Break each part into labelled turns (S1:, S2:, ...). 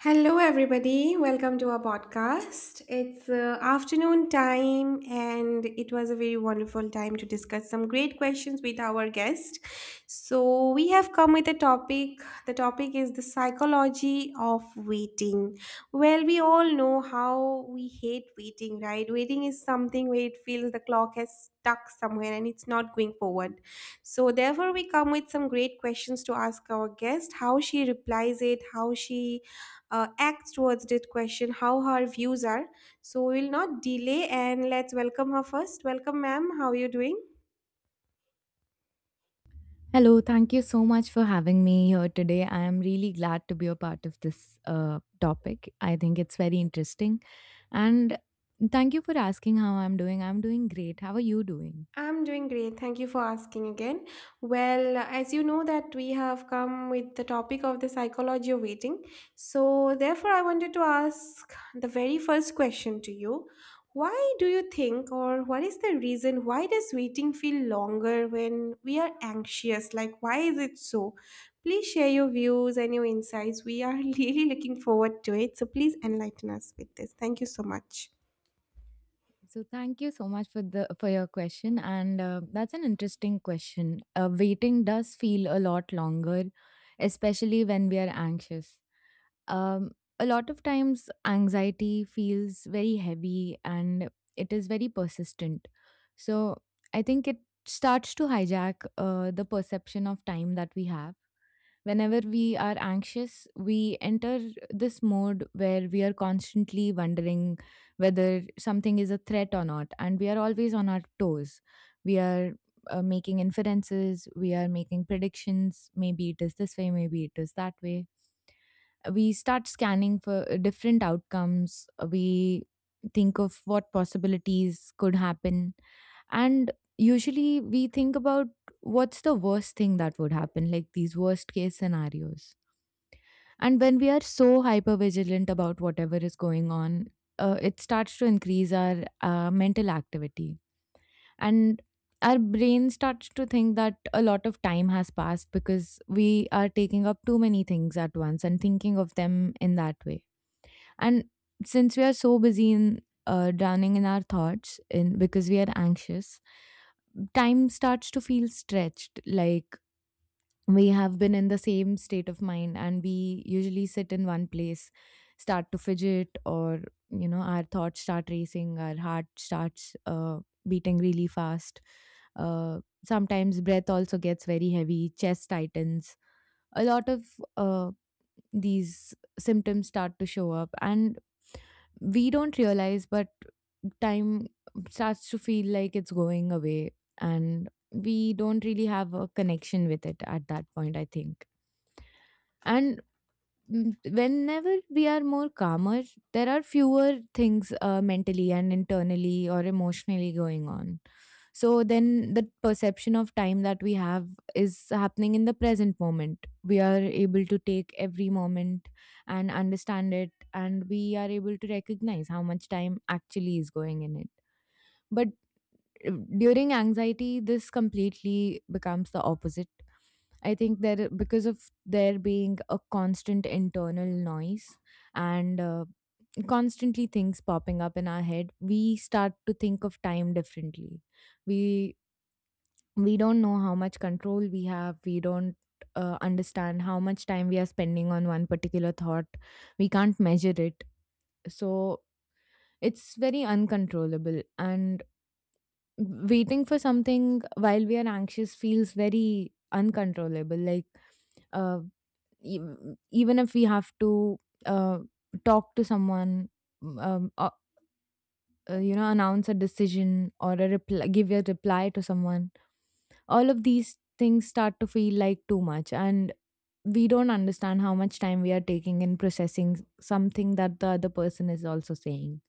S1: Hello, everybody. Welcome to our podcast. It's afternoon time, and it was a very wonderful time to discuss some great questions with our guest. So, we have come with a topic. The topic is the psychology of waiting. Well, we all know how we hate waiting, right? Waiting is something where it feels the clock has stuck somewhere and it's not going forward. So, therefore, we come with some great questions to ask our guest how she replies it, how she acts towards it question how her views are so we will not delay and let's welcome her first. Welcome, ma'am, how are you doing?
S2: Hello, thank you so much for having me here today. I am really glad to be a part of this topic. I think it's very interesting. And thank you for asking how I'm doing. I'm doing great. How are you doing?
S1: I'm doing great. Thank you for asking again. Well, as you know that we have come with the topic of the psychology of waiting. So, therefore I wanted to ask the very first question to you. Why do you think or what is the reason why does waiting feel longer when we are anxious? Like why is it so? Please share your views and your insights. We are really looking forward to it. So, please enlighten us with this. Thank you so much.
S2: So thank you so much for the for your question and that's an interesting question. Waiting does feel a lot longer, especially when we are anxious. Um, a lot of times, anxiety feels very heavy and it is very persistent. So, I think it starts to hijack the perception of time that we have. Whenever we are anxious, we enter this mode where we are constantly wondering whether something is a threat or not, and we are always on our toes. We are making inferences, we are making predictions. Maybe it is this way, maybe it is that way, we start scanning for different outcomes. We think of what possibilities could happen, and usually we think about what's the worst thing that would happen, like these worst case scenarios. And when we are so hyper vigilant about whatever is going on, it starts to increase our mental activity, and our brain starts to think that a lot of time has passed because we are taking up too many things at once and thinking of them in that way. And since we are so busy in drowning in our thoughts, in because we are anxious, time starts to feel stretched. Like, we have been in the same state of mind, and we usually sit in one place, start to fidget, or you know, our thoughts start racing, our heart starts beating really fast. Sometimes breath also gets very heavy, chest tightens. A lot of uh, these symptoms start to show up, and we don't realize, but time starts to feel like it's going away, and we don't really have a connection with it at that point, I think. And mm, whenever we are more calmer, there are fewer things mentally and internally or emotionally going on, so then the perception of time that we have is happening in the present moment. We are able to take every moment and understand it, and we are able to recognize how much time actually is going in it. But uh, during anxiety, this completely becomes the opposite. I think there, because of there being a constant internal noise and constantly things popping up in our head, we start to think of time differently. We we don't know how much control we have. We don't understand how much time we are spending on one particular thought. We can't measure it, so it's very uncontrollable, and waiting for something while we are anxious feels very uncontrollable. Like, uh, e- even if we have to uh, talk to someone, um, uh, you know, announce a decision or a reply, give a reply to someone, all of these things start to feel like too much, and we don't understand how much time we are taking in processing something that the other person is also saying.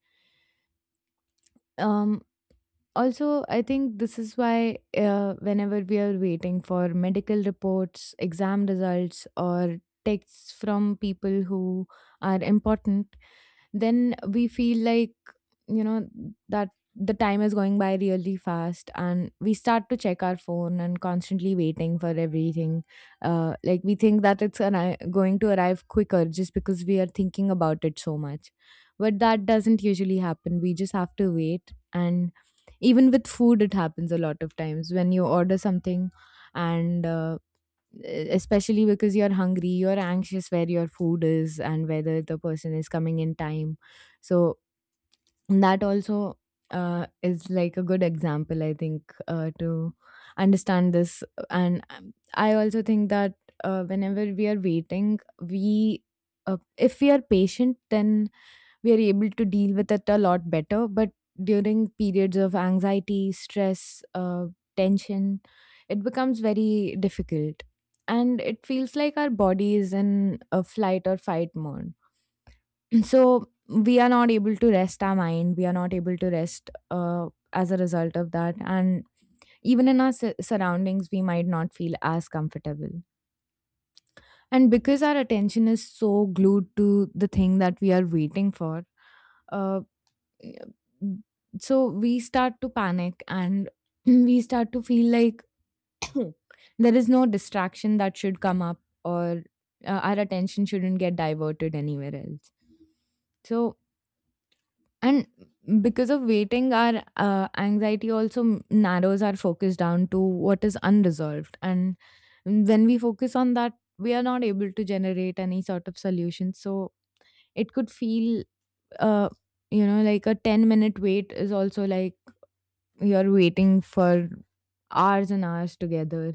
S2: um Also, I think this is why whenever we are waiting for medical reports, exam results, or texts from people who are important, then we feel like, you know, that the time is going by really fast, and we start to check our phone and constantly waiting for everything. Like, we think that it's an, going to arrive quicker just because we are thinking about it so much, but that doesn't usually happen. We just have to wait. And even with food, it happens a lot of times. When you order something and especially because you're hungry, you're anxious where your food is and whether the person is coming in time. So that also is like a good example, I think, to understand this. And I also think that whenever we are waiting, we if we are patient, then we are able to deal with it a lot better. But during periods of anxiety, stress, tension, it becomes very difficult. And it feels like our body is in a flight or fight mode. So we are not able to rest our mind. We are not able to rest as a result of that. And even in our surroundings, we might not feel as comfortable. And because our attention is so glued to the thing that we are waiting for, uh, Yeah. So we start to panic and we start to feel like there is no distraction that should come up or our attention shouldn't get diverted anywhere else. So, and because of waiting, our anxiety also narrows our focus down to what is unresolved. And when we focus on that, we are not able to generate any sort of solution. So it could feel, uh, you know, like a 10-minute wait is also like you're waiting for hours and hours together,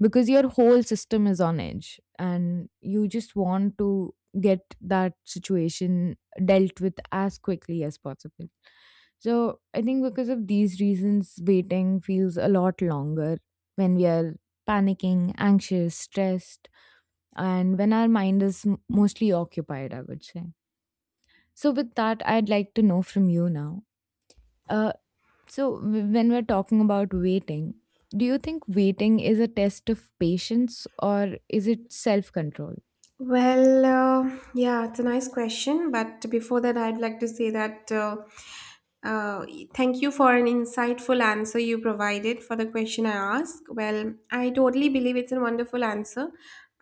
S2: because your whole system is on edge and you just want to get that situation dealt with as quickly as possible. So I think because of these reasons, waiting feels a lot longer when we are panicking, anxious, stressed, and when our mind is mostly occupied, I would say. So, with that, I'd like to know from you now. Uh, so, when we're talking about waiting, do you think waiting is a test of patience or is it self control?
S1: Well, yeah, it's a nice question. But before that, I'd like to say that uh, thank you for an insightful answer you provided for the question I asked. Well, I totally believe it's a wonderful answer.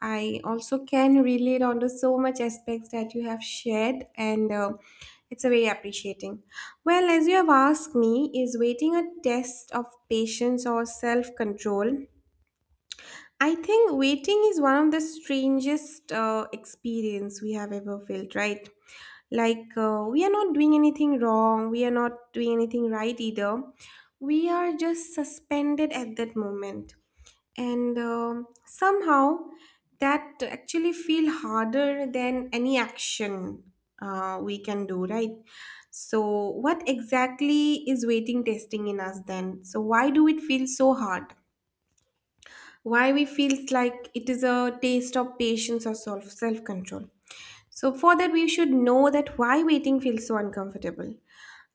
S1: I also can relate onto so much aspects that you have shared, and it's a very appreciating. Well, as you have asked me, is waiting a test of patience or self control? I think waiting is one of the strangest experience we have ever felt, right? Like we are not doing anything wrong, we are not doing anything right either. We are just suspended at that moment, and somehow that actually feel harder than any action we can do, right? So, what exactly is waiting testing in us then? So, why do it feel so hard? Why we feels like it is a taste of patience or self control? So for that we should know that why waiting feels so uncomfortable.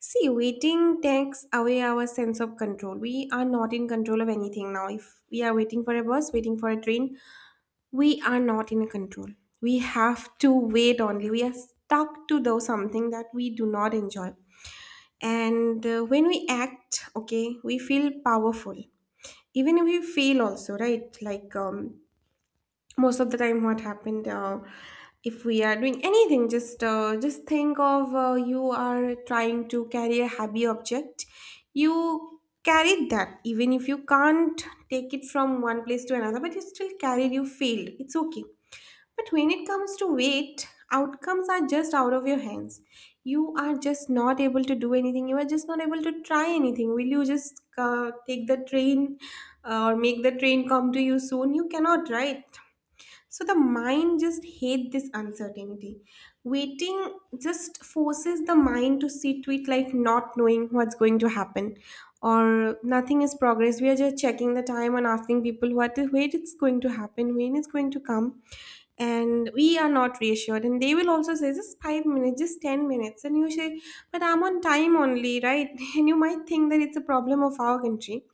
S1: See, waiting takes away our sense of control. We are not in control of anything. Now if we are waiting for a bus, waiting for a train, we are not in control. We have to wait only. We are stuck to do something that we do not enjoy. And when we act okay we feel powerful, even if we feel also right. Like most of the time what happened, if we are doing anything, just think of you are trying to carry a heavy object, you carried that. Even if you can't take it from one place to another, but you still carried, you failed, it's okay. But when it comes to weight, outcomes are just out of your hands. You are just not able to do anything, you are just not able to try anything. Will you just take the train or make the train come to you soon? You cannot, right? So the mind just hate this uncertainty. Waiting just forces the mind to sit with like not knowing what's going to happen or nothing is progress. We are just checking the time and asking people what is when it's going to happen, when it's going to come. And we are not reassured. And they will also say just 5 minutes, just 10 minutes. And you say, but I'm on time only, right? And you might think that it's a problem of our country,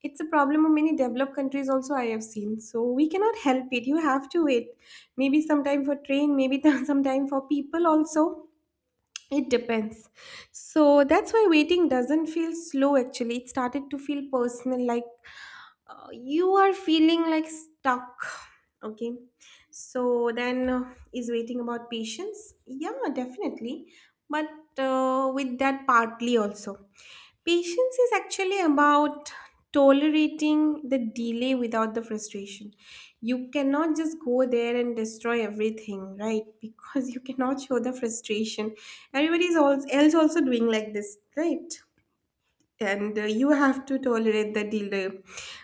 S1: it's a problem of many developed countries also I have seen. So we cannot help it, you have to wait, maybe sometime for train, maybe sometime for people also. It depends. So that's why waiting doesn't feel slow, actually it started to feel personal. Like you are feeling like stuck, okay. So then, is waiting about patience? Yeah, definitely. But with that, partly also. Patience is actually about tolerating the delay without the frustration. You cannot just go there and destroy everything, right? Because you cannot show the frustration. Everybody is else also doing like this, right? And you have to tolerate the delay,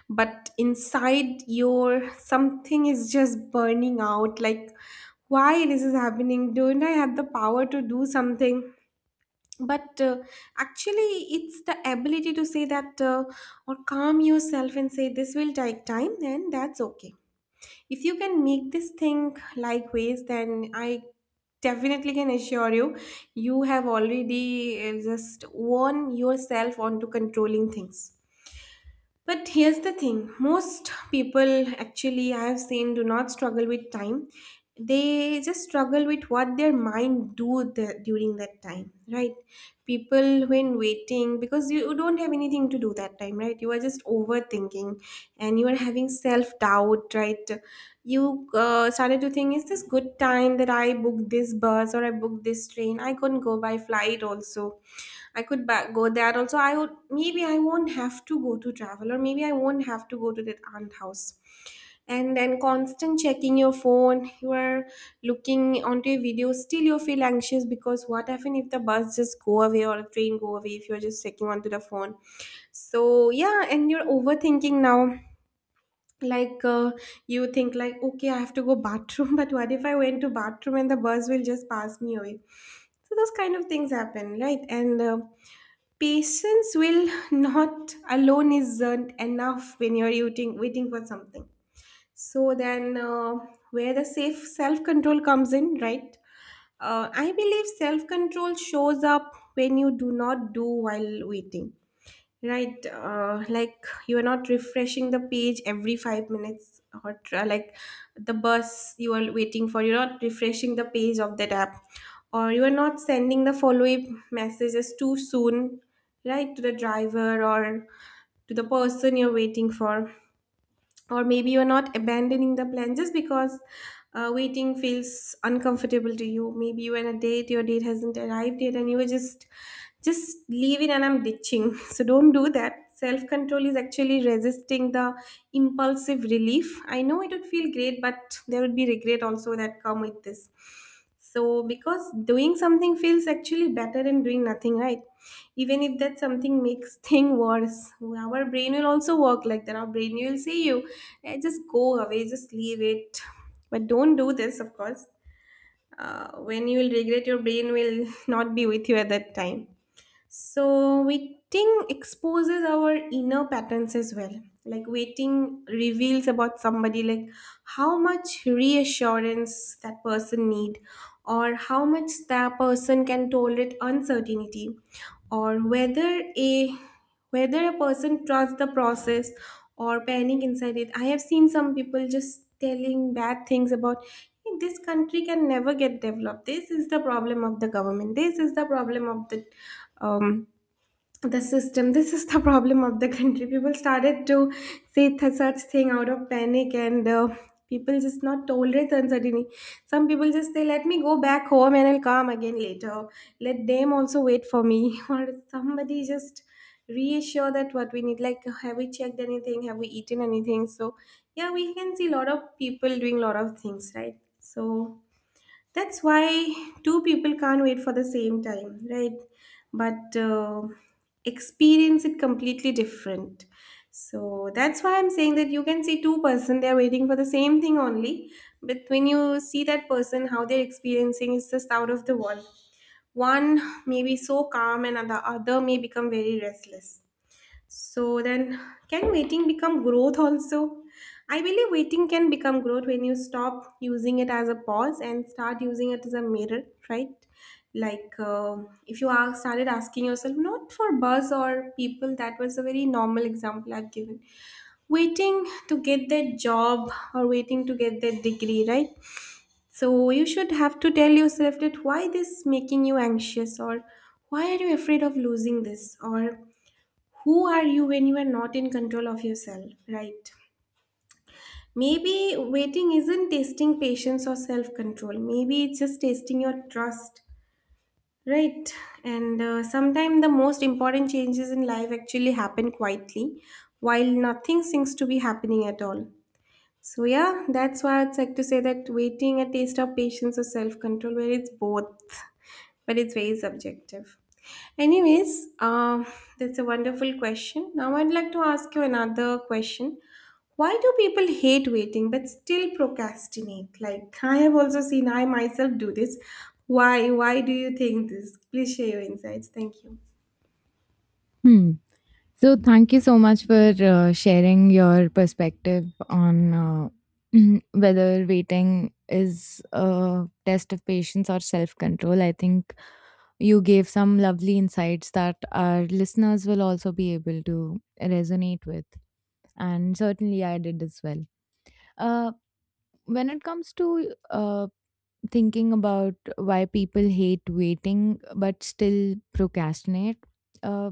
S1: but inside your something is just burning out. Like why this is happening, don't I have the power to do something? But actually it's the ability to say that or calm yourself and say this will take time and that's okay. If you can make this thing like ways, then I definitely can assure you, you have already just won yourself onto controlling things. But here's the thing, most people, actually, I have seen, do not struggle with time. They just struggle with what their mind do the, during that time, right? People when waiting, because you don't have anything to do that time, right? You are just overthinking, and you are having self doubt, right? You started to think, is this good time that I booked this bus or I booked this train? I couldn't go by flight also, I could go there also. I would, maybe I won't have to go to travel, or maybe I won't have to go to that aunt house. And then constant checking your phone, you are looking onto a video. Still, you feel anxious because what happen if the bus just go away or a train go away, if you're just checking onto the phone? So yeah, and you're overthinking now. Like you think like okay, I have to go bathroom, but what if I went to bathroom and the bus will just pass me away? So those kind of things happen, right? And patience will not alone isn't enough when you're waiting for something. So then, where the safe self control comes in, right? I believe self control shows up when you do not do while waiting. Right, like you are not refreshing the page every 5 minutes, or like the bus you are waiting for, you're not refreshing the page of that app, or you are not sending the follow up messages too soon, right, to the driver or to the person you're waiting for, or maybe you're not abandoning the plan just because waiting feels uncomfortable to you. Maybe you are on a date, your date hasn't arrived yet, and you were just leaving and I'm ditching. So don't do that. Self control is actually resisting the impulsive relief. I know it would feel great, but there would be regret also that come with this. So because doing something feels actually better than doing nothing, right? Even if that something makes thing worse, our brain will also work like that. Our brain will say you, eh, just go away, just leave it. But don't do this, of course. When you will regret, your brain will not be with you at that time. So, waiting exposes our inner patterns as well. Like, waiting reveals about somebody, like how much reassurance that person need, or how much that person can tolerate uncertainty, or whether a whether a person trusts the process or panic inside it. I have seen some people just telling bad things about, "Hey, this country can never get developed, this is the problem of the government, this is the problem of um, the system, this is the problem of the country." People started to say such thing out of panic. And people just not tolerate the uncertainty. Some people just say let me go back home and I'll come again later, let them also wait for me. Or somebody just reassure that what we need, like have we checked anything, have we eaten anything. So yeah, we can see a lot of people doing a lot of things, right? So that's why two people can't wait for the same time, right? But experience it completely different. So that's why I'm saying that you can see two-person they're waiting for the same thing only, but when you see that person how they're experiencing is the sound of the world. One may be so calm and the other may become very restless. So then, can waiting become growth also? I believe waiting can become growth when you stop using it as a pause and start using it as a mirror, right? Like if you are started asking yourself, not for buzz or people, that was a very normal example I've given. Waiting to get that job or waiting to get that degree, right? So you should have to tell yourself that why this making you anxious, or why are you afraid of losing this, or who are you when you are not in control of yourself, right? Maybe waiting isn't testing patience or self control. Maybe it's just testing your trust, right? And Sometimes the most important changes in life actually happen quietly while nothing seems to be happening at all. So, yeah, that's why I'd like to say that waiting a taste of patience or self control, where it's both but it's very subjective. Anyways, um, that's a wonderful question. Now I'd like to ask you another question. Why do people hate waiting but still procrastinate? Like I have also seen I myself do this. Why? Why do you think this? Please share your insights. Thank you.
S2: Hmm. So, thank you so much for sharing your perspective on whether waiting is a test of patience or self control. I think you gave some lovely insights that our listeners will also be able to resonate with. And certainly, I did as well. Uh, when it comes to thinking about why people hate waiting but still procrastinate. Uh,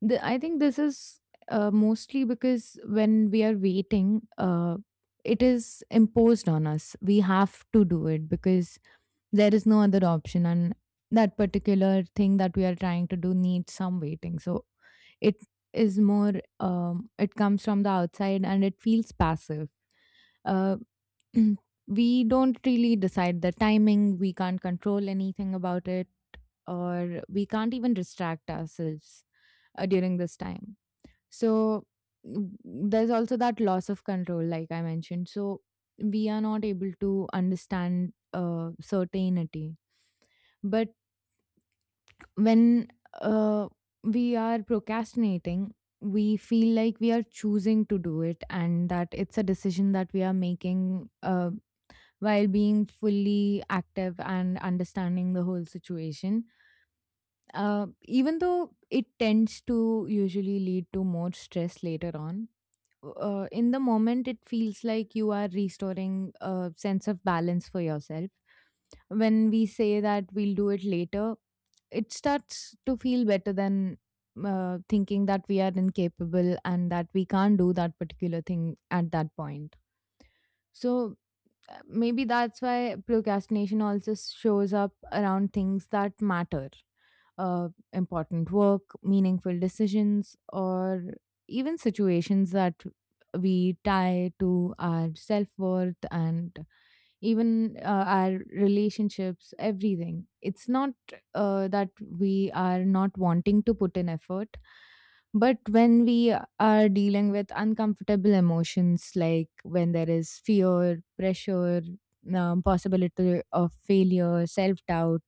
S2: I think this is mostly because when we are waiting, it is imposed on us. We have to do it because there is no other option, and that particular thing that we are trying to do needs some waiting. So it is more, it comes from the outside and it feels passive. Uh, Mm. We don't really decide the timing. We can't control anything about it, or we can't even distract ourselves during this time. So, there's also that loss of control like I mentioned. So we are not able to understand certainty. But when uh, we are procrastinating, we feel like we are choosing to do it and that it's a decision that we are making while being fully active and understanding the whole situation. Even though it tends to usually lead to more stress later on, in the moment, it feels like you are restoring a sense of balance for yourself. When we say that we'll do it later, it starts to feel better than thinking that we are incapable and that we can't do that particular thing at that point. So, maybe that's why procrastination also shows up around things that matter, important work, meaningful decisions, or even situations that we tie to our self-worth, and even our relationships, everything. It's not that we are not wanting to put in effort, but when we are dealing with uncomfortable emotions, like when there is fear, pressure, possibility of failure, self doubt,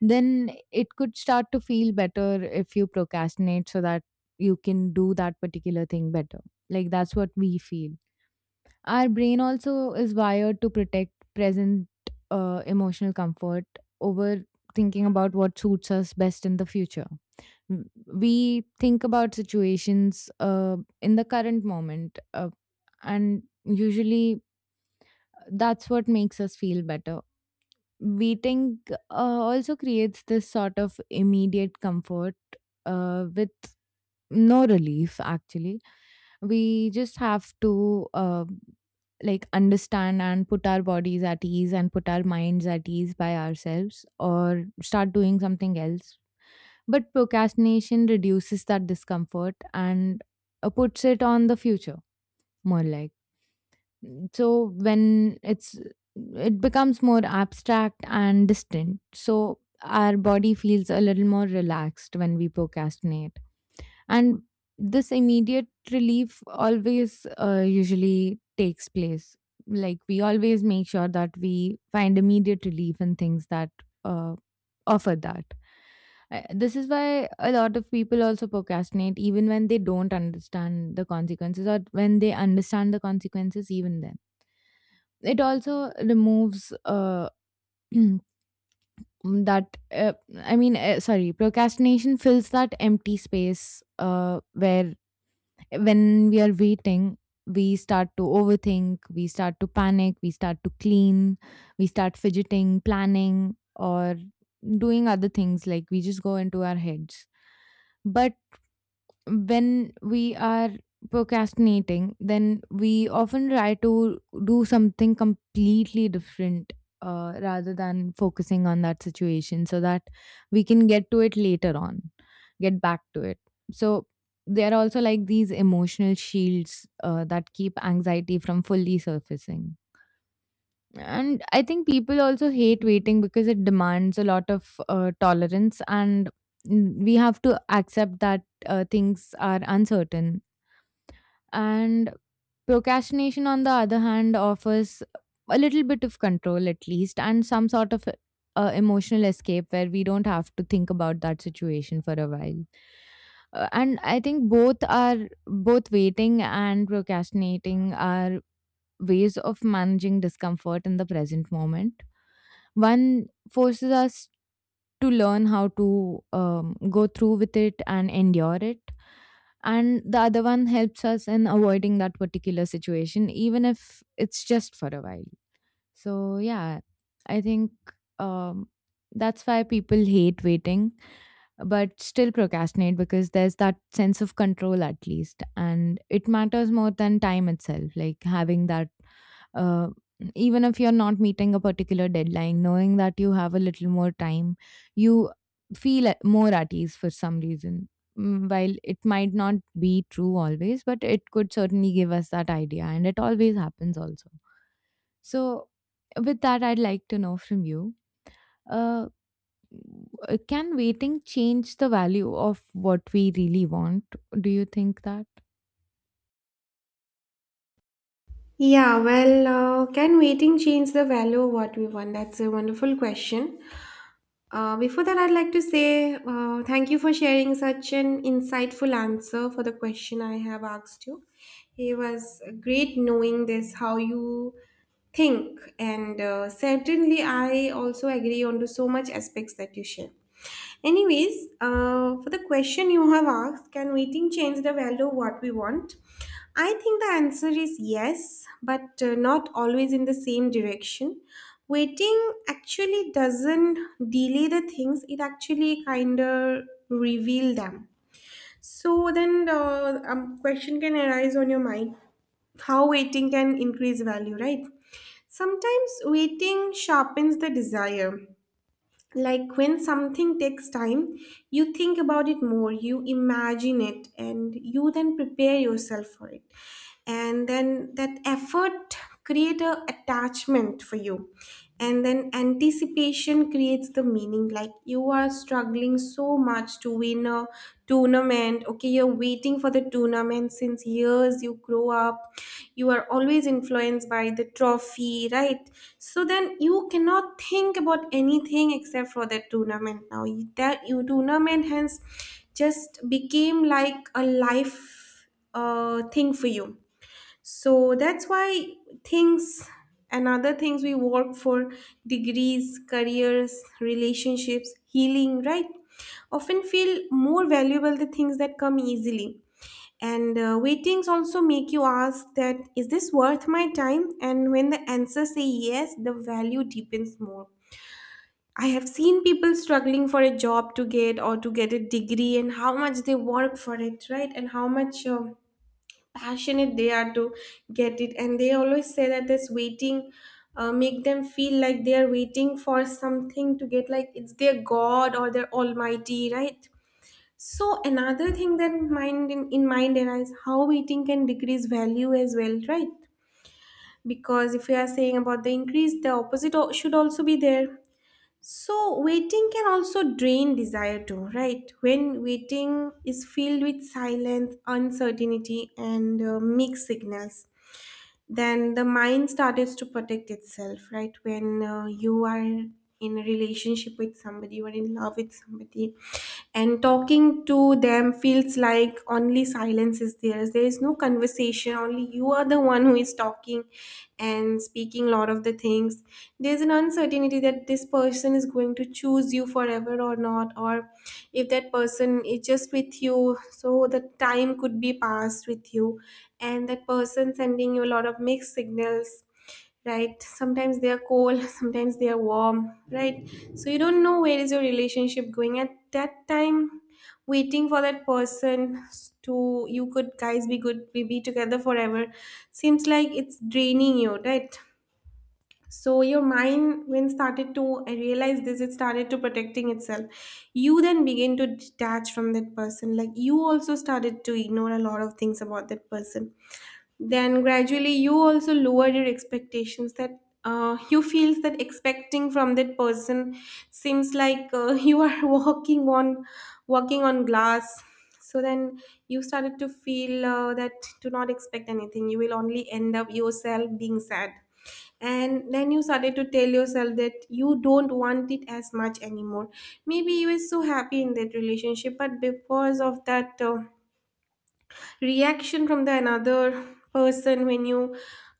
S2: then it could start to feel better if you procrastinate so that you can do that particular thing better. Like, that's what we feel. Our brain also is wired to protect present emotional comfort over thinking about what suits us best in the future. Mm, we think about situations in the current moment, and usually that's what makes us feel better. Waiting also creates this sort of immediate comfort with no relief actually. We just have to like understand and put our bodies at ease and put our minds at ease by ourselves or start doing something else. But procrastination reduces that discomfort and puts it on the future, more like. So when it's, it becomes more abstract and distant. So our body feels a little more relaxed when we procrastinate, and this immediate relief always usually takes place, like we always make sure that we find immediate relief in things that uh, offer that. This is why a lot of people also procrastinate even when they don't understand the consequences, or when they understand the consequences, even then it also removes uh, that sorry, procrastination fills that empty space uh, where, when we are waiting, we start to overthink, we start to panic, we start to clean, we start fidgeting, planning, or doing other things. Like we just go into our heads. But when we are procrastinating, then we often try to do something completely different rather than focusing on that situation, so that we can get to it later on, get back to it. So, there are also like these emotional shields that keep anxiety from fully surfacing. And I think people also hate waiting because it demands a lot of tolerance, and mm, we have to accept that things are uncertain. And procrastination, on the other hand, offers a little bit of control at least, and some sort of emotional escape where we don't have to think about that situation for a while. And I think both are, both waiting and procrastinating are ways of managing discomfort in the present moment. One forces us to learn how to go through with it and endure it. And the other one helps us in avoiding that particular situation, even if it's just for a while. So, yeah, I think, um, that's why people hate waiting but still procrastinate, because there's that sense of control at least, and it matters more than time itself, like having that, uh, even if you're not meeting a particular deadline, knowing that you have a little more time, you feel more at ease for some reason. Mm, while it might not be true always, but it could certainly give us that idea, and it always happens also. So, with that, I'd like to know from you, uh, can waiting change the value of what we really want? Do you think that?
S1: Yeah, well, can waiting change the value of what we want? That's a wonderful question. Before that, I'd like to say thank you for sharing such an insightful answer for the question I have asked you. It was great knowing this, how you think, and certainly I also agree on to so much aspects that you share. Anyways For the question you have asked, can waiting change the value of what we want? I think the answer is yes, but not always in the same direction. Waiting actually doesn't delay the things, it actually kind of reveal them. So then the question can arise on your mind, how waiting can increase value, right? Sometimes waiting sharpens the desire. Like when something takes time, you think about it more, you imagine it, and you then prepare yourself for it. And then that effort create a attachment for you. And then anticipation creates the meaning. Like you are struggling so much to win a to tournament, okay? You're waiting for the tournament since years you grow up, you are always influenced by the trophy, right? So then you cannot think about anything except for that tournament now. That you tournament hence just became like a life thing for you. So that's why things and other things we work for, degrees, careers, relationships, healing, right, often feel more valuable the things that come easily. And waitings also make you ask that is this worth my time, and when the answer say yes, the value deepens more. I have seen people struggling for a job to get, or to get a degree, and how much they work for it, right? And how much passionate they are to get it, and they always say that this waiting make them feel like they are waiting for something to get, like it's their god or their almighty, right? So another thing that in mind arises, how waiting can decrease value as well, right? Because if we are saying about the increase, the opposite should also be there. So waiting can also drain desire too, right? When waiting is filled with silence, uncertainty, and mixed signals, then the mind started to protect itself, right? When you are in a relationship with somebody, you are in love with somebody, and talking to them feels like only silence is there, there is no conversation, only you are the one who is talking and speaking a lot of the things. There's an uncertainty that this person is going to choose you forever or not, or if that person is just with you so the time could be passed with you, and that person sending you a lot of mixed signals, right? Sometimes they are cold, sometimes they are warm, right? So you don't know where is your relationship going at that time. Waiting for that person to you could guys be good, we be together forever, seems like it's draining you, right? So your mind when started to I realized this, it started to protecting itself. You then begin to detach from that person, like you also started to ignore a lot of things about that person. Then gradually you also lower your expectations that you feels that expecting from that person seems like you are walking on glass. So then you started to feel that to not expect anything, you will only end up yourself being sad. And then you started to tell yourself that you don't want it as much anymore. Maybe you were so happy in that relationship, but because of that reaction from the another person, when you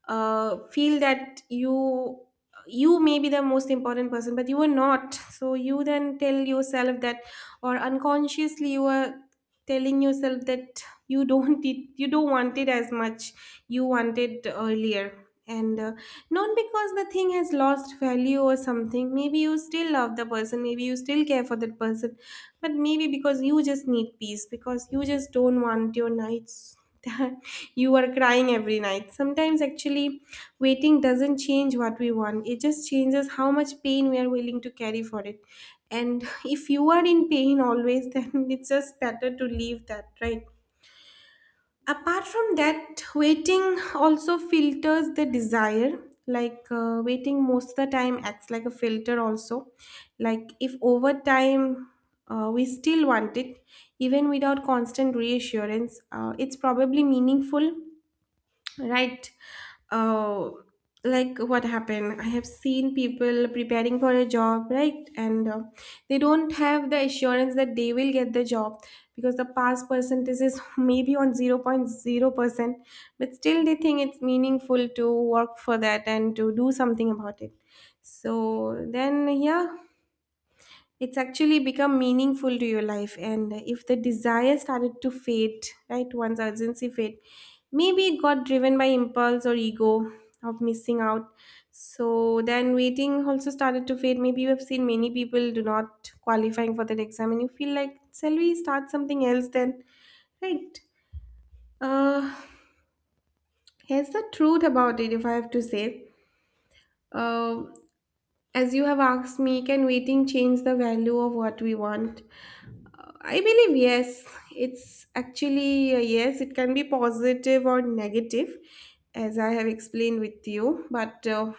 S1: feel that you may be the most important person but you are not, so you then tell yourself that, or unconsciously you are telling yourself that you don't want it as much you wanted earlier. And not because the thing has lost value or something, maybe you still love the person, maybe you still care for that person, but maybe because you just need peace, because you just don't want your nights that you are crying every night. Sometimes actually waiting doesn't change what we want, it just changes how much pain we are willing to carry for it. And if you are in pain always, then it's just better to leave that, right? Apart from that, waiting also filters the desire. Like waiting most of the time acts like a filter also. Like if over time we still want it even without constant reassurance, it's probably meaningful. Right. Oh, like what happened? I have seen people preparing for a job, right? And they don't have the assurance that they will get the job because the pass percentage is maybe on 0.0%, but still they think it's meaningful to work for that and to do something about it. So then, yeah, it's actually become meaningful to your life. And if the desire started to fade, right, once urgency fade, maybe it got driven by impulse or ego of missing out. So then waiting also started to fade. Maybe you have seen many people do not qualifying for that exam and you feel like shall we start something else then, right? Uh, here's the truth about it, if I have to say, uh, as you have asked me, can waiting change the value of what we want, I believe yes. It's actually yes, it can be positive or negative, as I have explained with you, but uh,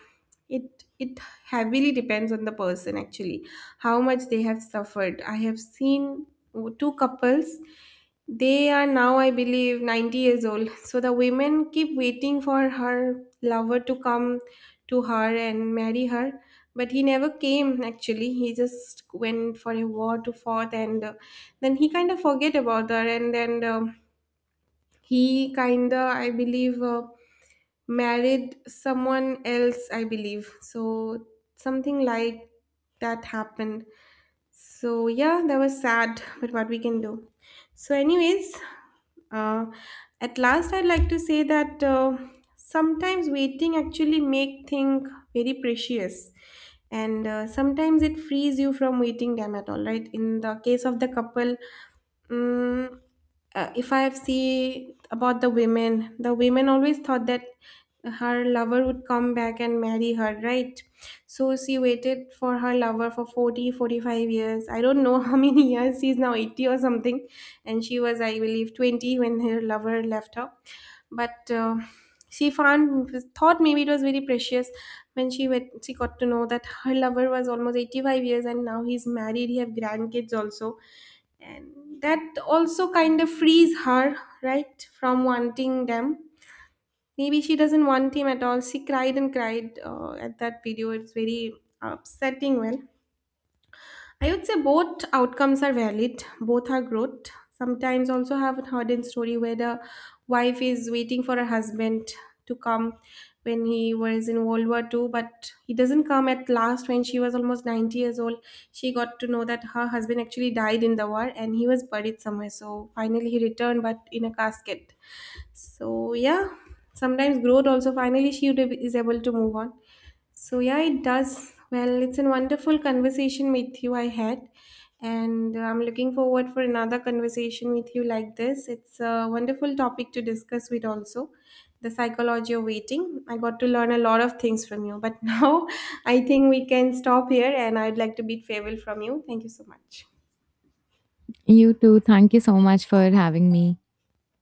S1: it it heavily depends on the person actually how much they have suffered. I have seen two couples, they are now I believe 90 years old. So the women keep waiting for her lover to come to her and marry her, but he never came. Actually he just went for a war to fourth, and then he kind of forget about her, and then he kind of I believe married someone else, I believe. So something like that happened. So yeah, that was sad, but what we can do. So anyways, uh, at last I'd like to say that sometimes waiting actually make things very precious. And sometimes it frees you from waiting them at all, right? In the case of the couple, Mm, if I see about the women always thought that her lover would come back and marry her, right? So she waited for her lover for 40, 45 years. I don't know how many years. She's now 80 or something. And she was, I believe, 20 when her lover left her. But she found, thought maybe it was very precious. When she went, she got to know that her lover was almost 85 years and now he's married. He have grandkids also, and that also kind of frees her, right, from wanting them. Maybe she doesn't want him at all. She cried and cried at that video, it's very upsetting. Well, I would say both outcomes are valid, both are growth. Sometimes also have a hidden story where the wife is waiting for her husband to come when he was in World War Two, but he doesn't come at last. When she was almost 90 years old, she got to know that her husband actually died in the war and he was buried somewhere. So finally he returned but in a casket. So yeah, sometimes growth also, finally she is able to move on. So yeah, it does. Well, it's a wonderful conversation with you I had, and I'm looking forward for another conversation with you like this. It's a wonderful topic to discuss with also the psychology of waiting. I got to learn a lot of things from you, but now I think we can stop here and I'd like to bid farewell from you. Thank you so much.
S2: You too. Thank you so much for having me.